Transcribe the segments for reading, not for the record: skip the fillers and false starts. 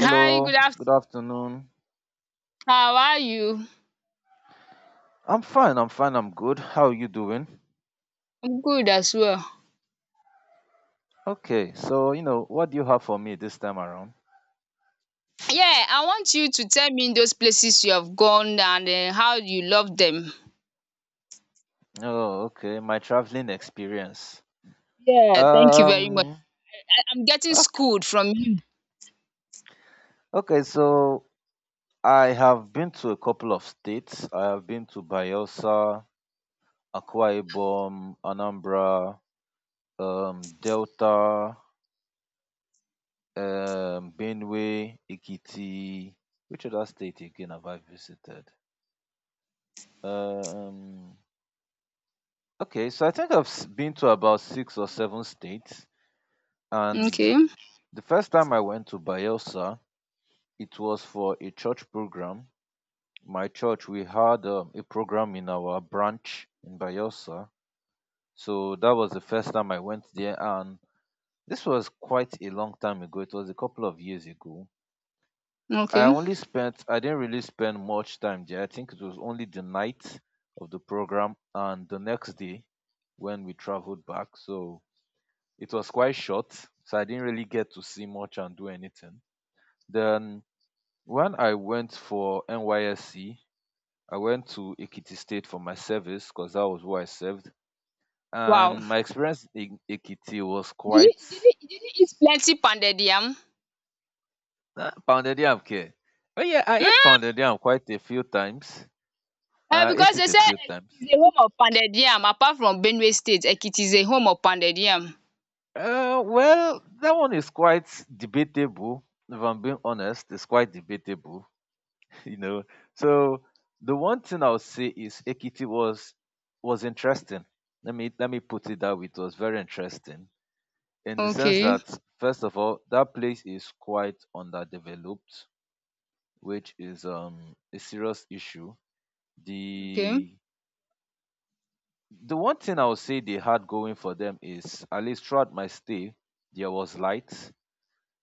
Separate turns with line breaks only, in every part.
Hi, good afternoon.
good afternoon.
How are you?
I'm fine, I'm good. How are you doing?
I'm good as well.
Okay, so, you know, what do you have for me this time around?
Yeah, I want you to tell me those places you have gone and how you love them.
Oh, okay, my traveling experience.
Yeah, thank you very much.
Um,
I'm getting
ok-
schooled from you.
okay, so I have been to a couple of states. I have been to Bayelsa, Akwa Ibom, Anambra, Delta, Benue, Ikiti. Which other state again have I visited? Um, Okay, so I think been to about six or seven states, and
Okay,
the first time I went to Bayelsa, it was for a church program. My church, we had a program in our branch in Bayelsa, so that was the first time I went there, and this was quite a long time ago. It was a couple of years ago.
okay.
I didn't really spend much time there. I think it was only the night of the program and the next day when we traveled back. So it was quite short, so I didn't really get to see much and do anything. Then when I went for NYSC, I went to Ekiti State for my service because that was where I served.
Wow.
And my experience in Ekiti was
Did
quite
you, did you, did you eat plenty pounded yam?
pounded yam care. Oh yeah, I ate
Hmm?
pounded yam quite a few times. I ate
Because they
it a
say
few times.
Ekiti is a home of pounded yam. Apart from Benue State, Ekiti is a home of pounded yam.
Well, that one is quite debatable. If I'm being honest, it's quite debatable. you know. So the one thing I'll say is Ekiti was interesting. Let me put it that way. It was very interesting in the sense
Okay,
that first of all, that place is quite underdeveloped, which is a serious issue.
okay.
The the one thing I would say they had going for them is at least throughout my stay, there was light.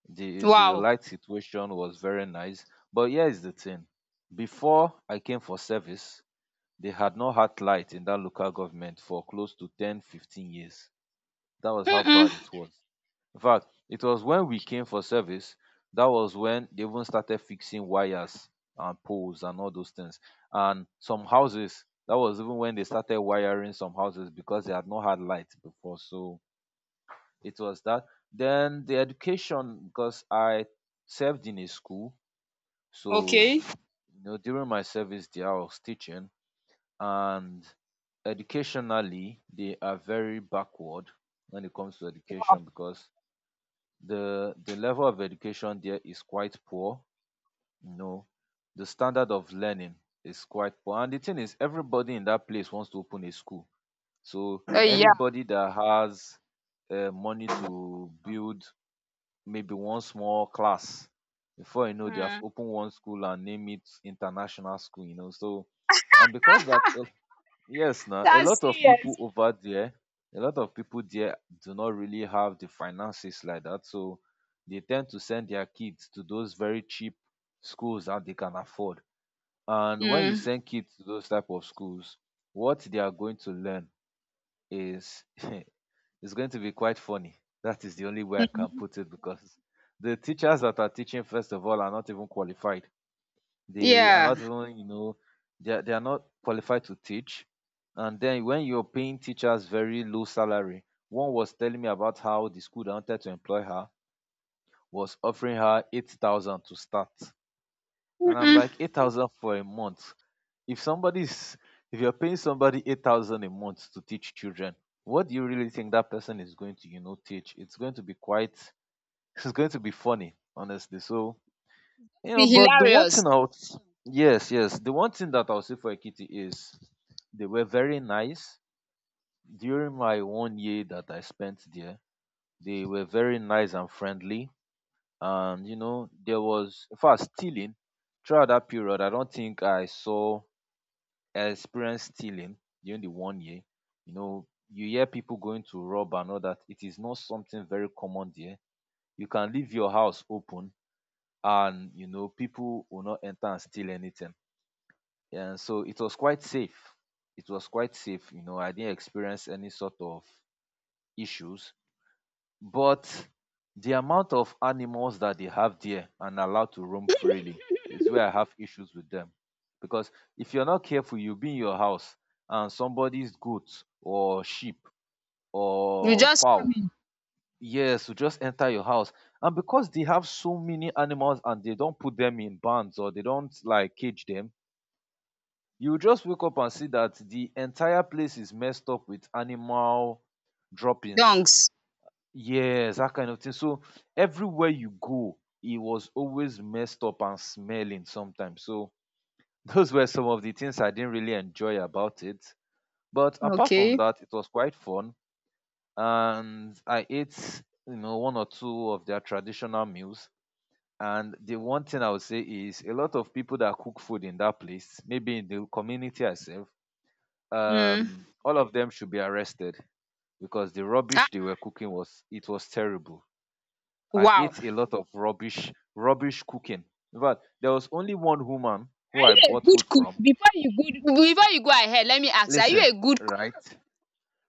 The
Wow.
light situation was very nice. But here's the thing. Before I came for service, they had not had light in that local government for close to 10, 15 years. That was how bad
Mm-mm.
it was. In fact, it was when we came for service, that was when they even started fixing wires and poles and all those things, and some houses. That was even when they started wiring some houses because they had not had light before. So it was that. Then the education, because I served in a school, so
Okay.
you know, during my service there I was teaching, and educationally they are very backward when it comes to
Wow.
education. Because the level of education there is quite poor, you know, the standard of learning is quite poor, and the thing is, everybody in that place wants to open a school. So
Yeah.
anybody that has money to build maybe one small class, before you know, they have
Mm.
opened one school and name it international school, you know. So and because that, yes, now a
That's
lot of people
serious.
over there, a lot of people there do not really have the finances like that, so they tend to send their kids to those very cheap schools that they can afford. And when you
Mm.
send kids to those type of schools, what they are going to learn is is going to be quite funny. That is the only way I can
Mm-hmm.
put it, because the teachers that are teaching, first of all, are not even qualified. They are
Yeah.
not even, you know, they are not qualified to teach. And then when you're paying teachers very low salary, one was telling me about how the school that wanted to employ her was offering her 8,000 to start. And I'm
Mm-mm.
like, 8,000 for a month. If somebody's, if you're paying somebody 8,000 a month to teach children, what do you really think that person is going to, you know, teach? It's going to be quite, it's going to be funny, honestly. So you
Be
know, but the one
hilarious.
thing I'll yes, yes, the one thing that I'll say for Ekiti is they were very nice during my 1 year that I spent there. They were very nice and friendly, and you know, there was in fact stealing throughout that period. I don't think I saw I experienced stealing during the 1 year. You know, you hear people going to rob and all that. It is not something very common there. You can leave your house open, and you know, people will not enter and steal anything. Yeah, so it was quite safe. It was quite safe. You know, I didn't experience any sort of issues. But the amount of animals that they have there and allowed to roam freely is where I have issues with them. Because if you're not careful, you'll be in your house and somebody's goat or sheep
You
or
just
fowl,
come in,
yes, will just enter your house. And because they have so many animals and they don't put them in bands, or they don't like cage them, you just wake up and see that the entire place is messed up with animal droppings.
dunks.
Yes, that kind of thing. So everywhere you go, it was always messed up and smelling sometimes. So those were some of the things I didn't really enjoy about it. But apart from
Okay.
that, it was quite fun, and I ate, you know, one or two of their traditional meals. And the one thing I would say is a lot of people that cook food in that place, maybe in the community itself,
Mm.
all of them should be arrested, because the
Ah,
rubbish they were cooking was, it was terrible. I
wow. Are
ate a lot of rubbish cooking. In fact, there was only one woman who
you
I
a
bought food
good cook?
from.
Before you good before you go ahead, let me ask. Are you
Listen,
a good cook?
right?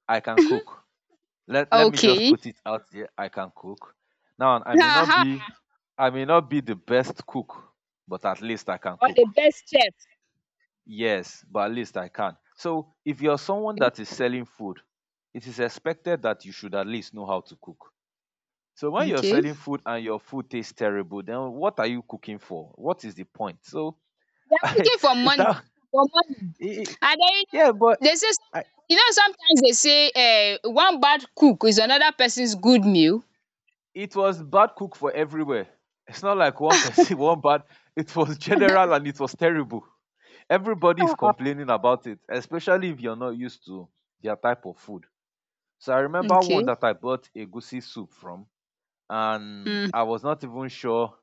I can cook. Let me just
Okay.
put it out there. I can cook. Now
Haha.
I may not be the best cook, but at least I can
Or the
cook.
best chef.
Yes, but at least I can. So if you're someone that is selling food, it is expected that you should at least know how to cook. So when you're
Okay.
selling food and your food tastes terrible, then what are you cooking for? What is the point? So
They are
I
cooking for
it,
money.
that,
For money.
it-
And then
yeah, but
they say
I,
sometimes sometimes they say one bad cook is another person's good meal.
it was bad cook for everywhere. It's not like one person, one bad. It was general and it was terrible. Everybody is
Uh-uh.
complaining about it, especially if you're not used to their type of food. So I remember
Okay.
one that I bought a goosey soup from, and
Mm.
I was not even sure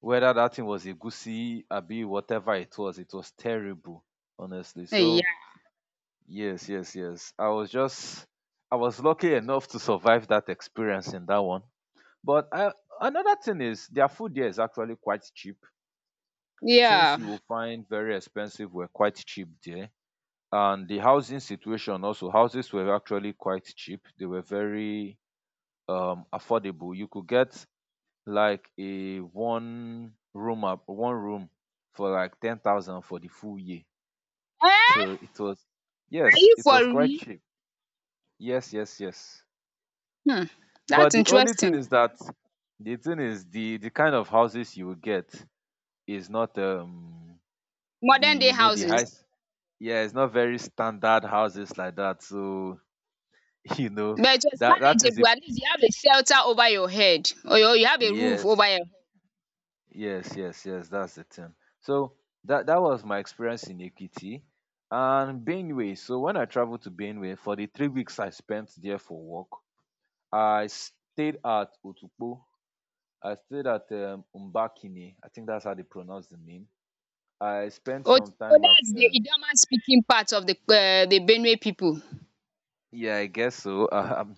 whether that thing was a egusi abi whatever it was terrible, honestly.
Eh,
So
yeah.
yes, yes, yes. I was lucky enough to survive that experience in that one. But I, another thing is, their food there is actually quite cheap. Things
Yeah.
you will find very expensive were quite cheap there. And the housing situation also, houses were actually quite cheap. They were very affordable. You could get like a one room for like 10,000 for the full year.
Eh? Are
So it was yes,
you
it
for
was quite
real?
cheap. Yes, yes, yes.
Hmm,
But
that's
the only thing
interesting.
is that the thing is, the kind of houses you will get is not the
Modern day
you know the high
houses,
s- yeah, it's not very standard houses like that. So, you know,
but it was
that that is the
manageable. At least you have a shelter over your head, or you have a roof over
yes.
your head.
Yes, yes, yes, that's the thing. So that was my experience in Ekiti. And Benue, so when I traveled to Benue for the 3 weeks I spent there for work, I stayed at Otukpo. I stayed at Umbakini. I think that's how they pronounce the name. I spent
Oh,
some
so
time at
that's the Idoma speaking part of the Benue people.
yeah, I guess so. Um,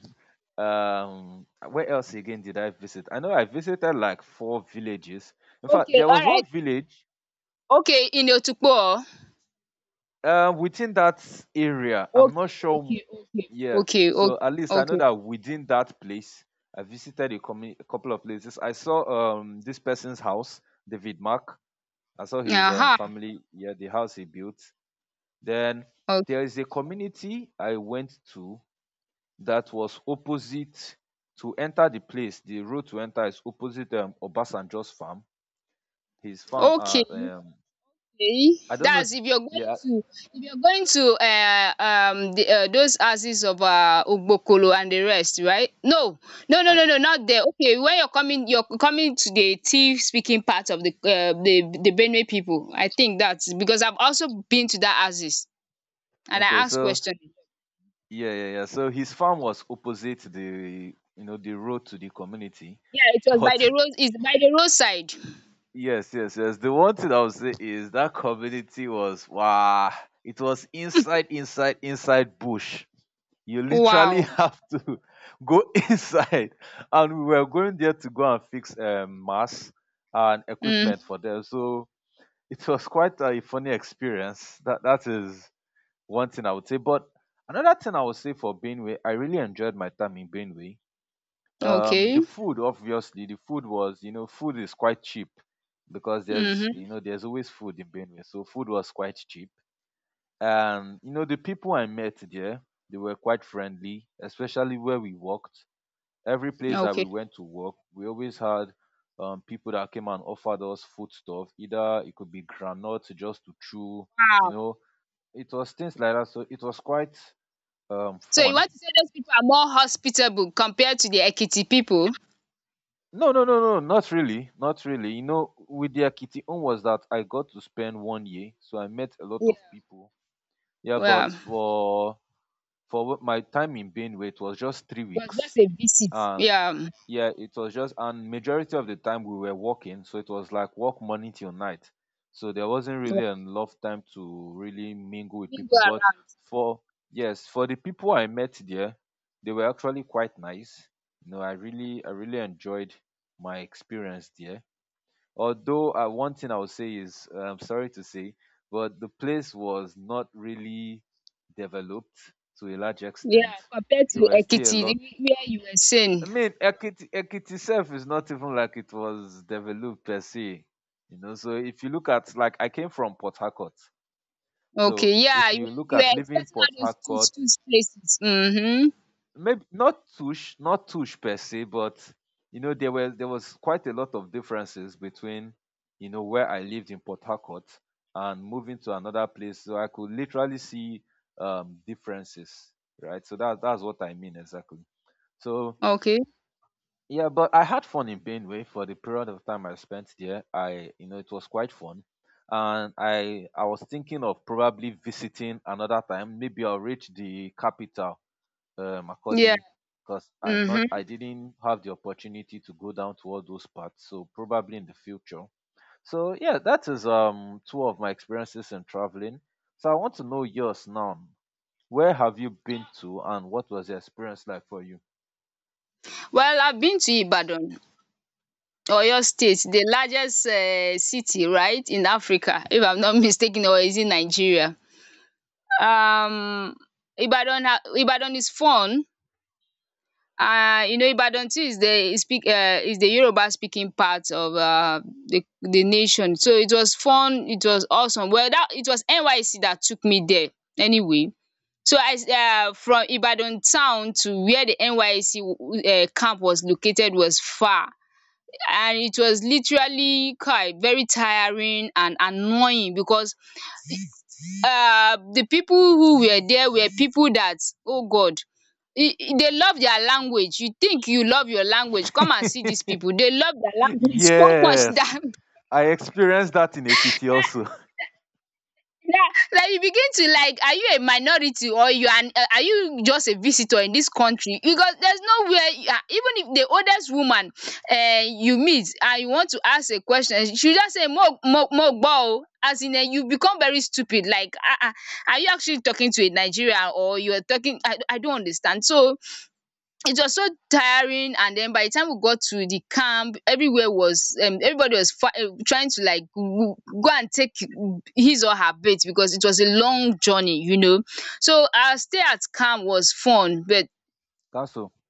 um, where else again did I visit? I know I visited like 4 villages. In fact,
Okay,
there
all
was
right.
one village.
Okay, in Otukpo. Oh?
Within that area, I'm not
Okay,
sure.
okay, okay,
Yeah,
okay, okay,
so at least I know
okay.
that within that place, I visited a couple of places. I saw this person's house, David Mark. I saw his
Aha.
family. Yeah, the house he built. Then
Okay.
there is a community I went to that was opposite. To enter the place. The road to enter is opposite Obasanjo's farm. His farm.
Okay. Okay,
I don't know.
that's if you're going
Yeah.
to if you're going to those houses of Ugbokolo and the rest, right? No, no, no,
I
no, no, not there. Okay, when you're coming to the Tiv speaking part of the the Benue people. I think that's because I've also been to that houses and I
okay.
asked
So
question.
yeah, yeah, yeah. So his farm was opposite the, you know, the road to the community.
Yeah, it was by the
But
road. It's by the roadside.
yes, yes, yes. The one thing I would say is that community was wow. It was inside bush. You literally
Wow.
have to go inside, and we were going there to go and fix mass and
Mm.
equipment for them. So it was quite a funny experience. That that is one thing I would say. But another thing I would say for Benue, I really enjoyed my time in Benue. The
Okay.
food, obviously, the food was, you know, food is quite cheap because there's,
Mm-hmm.
you know, there's always food in Benue, so food was quite cheap. And you know, the people I met there, they were quite friendly, especially where we worked. Every place that
Okay.
we went to work, we always had people that came and offered us food stuff. Either it could be granite just to chew, you
Wow.
know, it was things like that. So it was quite
So you
fun.
want to say those people are more hospitable compared to the Ekiti people?
No Not really. You know, with their kitty own was that I got to spend 1 year, so I met a lot of people, yeah.
Yeah.
But
It
my time in Benue, it was just three
was
weeks
just a visit.
and
Yeah.
yeah, it was just, and majority of the time we were working, so it was like work morning till night. So there wasn't
Yeah.
really enough time to really mingle with
Didn't go
people. But
around.
for yes, for the people I met there, they were actually quite nice. You know, I really enjoyed my experience there. Although one thing I would say is I'm sorry to say, but the place was not really developed to a large
Yeah.
extent.
Compared
There
to
were still a
Ekiti,
lot
where you were
I
saying.
mean, Ekiti itself is not even like it was developed per se. You know, so if you look at, like, I came from Port Harcourt, so
Okay. Yeah.
if
You were,
you look
you
at
were
living
expecting
Port
all those two,
Harcourt,
two places. Mm-hmm.
maybe not Tush, not Tush per se, but you know there was quite a lot of differences between, you know, where I lived in Port Harcourt and moving to another place. So I could literally see differences, right? So that's what I mean exactly. So
Okay.
yeah, but I had fun in Benue for the period of time I spent there. I, you know, it was quite fun, and I was thinking of probably visiting another time. Maybe I'll reach the capital,
Yeah.
Makurdi, because
Mm-hmm.
I didn't have the opportunity to go down to all those parts. So probably in the future. So yeah, that is two of my experiences in traveling. So I want to know yours now. Where have you been to, and what was the experience like for you?
Well, I've been to Ibadan. Oyo State, the largest city, right, in Africa, if I'm not mistaken, or is it Nigeria? Um, Ibadan is fun. You know Ibadan too is the speak is the Yoruba speaking part of the nation. So it was fun, it was awesome. Well that it was NYC that took me there anyway. So from Ibadan town to where the NYC camp was located was far, and it was literally quite very tiring and annoying because the people who were there were people that, oh God, they love their language. You think you love your language. Come and see these people. They love their language so much
Yes.
that,
I experienced that in Ekiti also.
yeah, like you begin to like, are you a minority or you are you just a visitor in this country? Because there's nowhere you are even if the oldest woman you meet and you want to ask a question, she just say more, more, more bow. As in, you become very stupid. Like, are you actually talking to a Nigerian or you are talking? I don't understand. So, it was so tiring, and then by the time we got to the camp, everywhere was everybody was trying to like go and take his or her bait because it was a long journey, you know, so our stay at camp was fun, but
council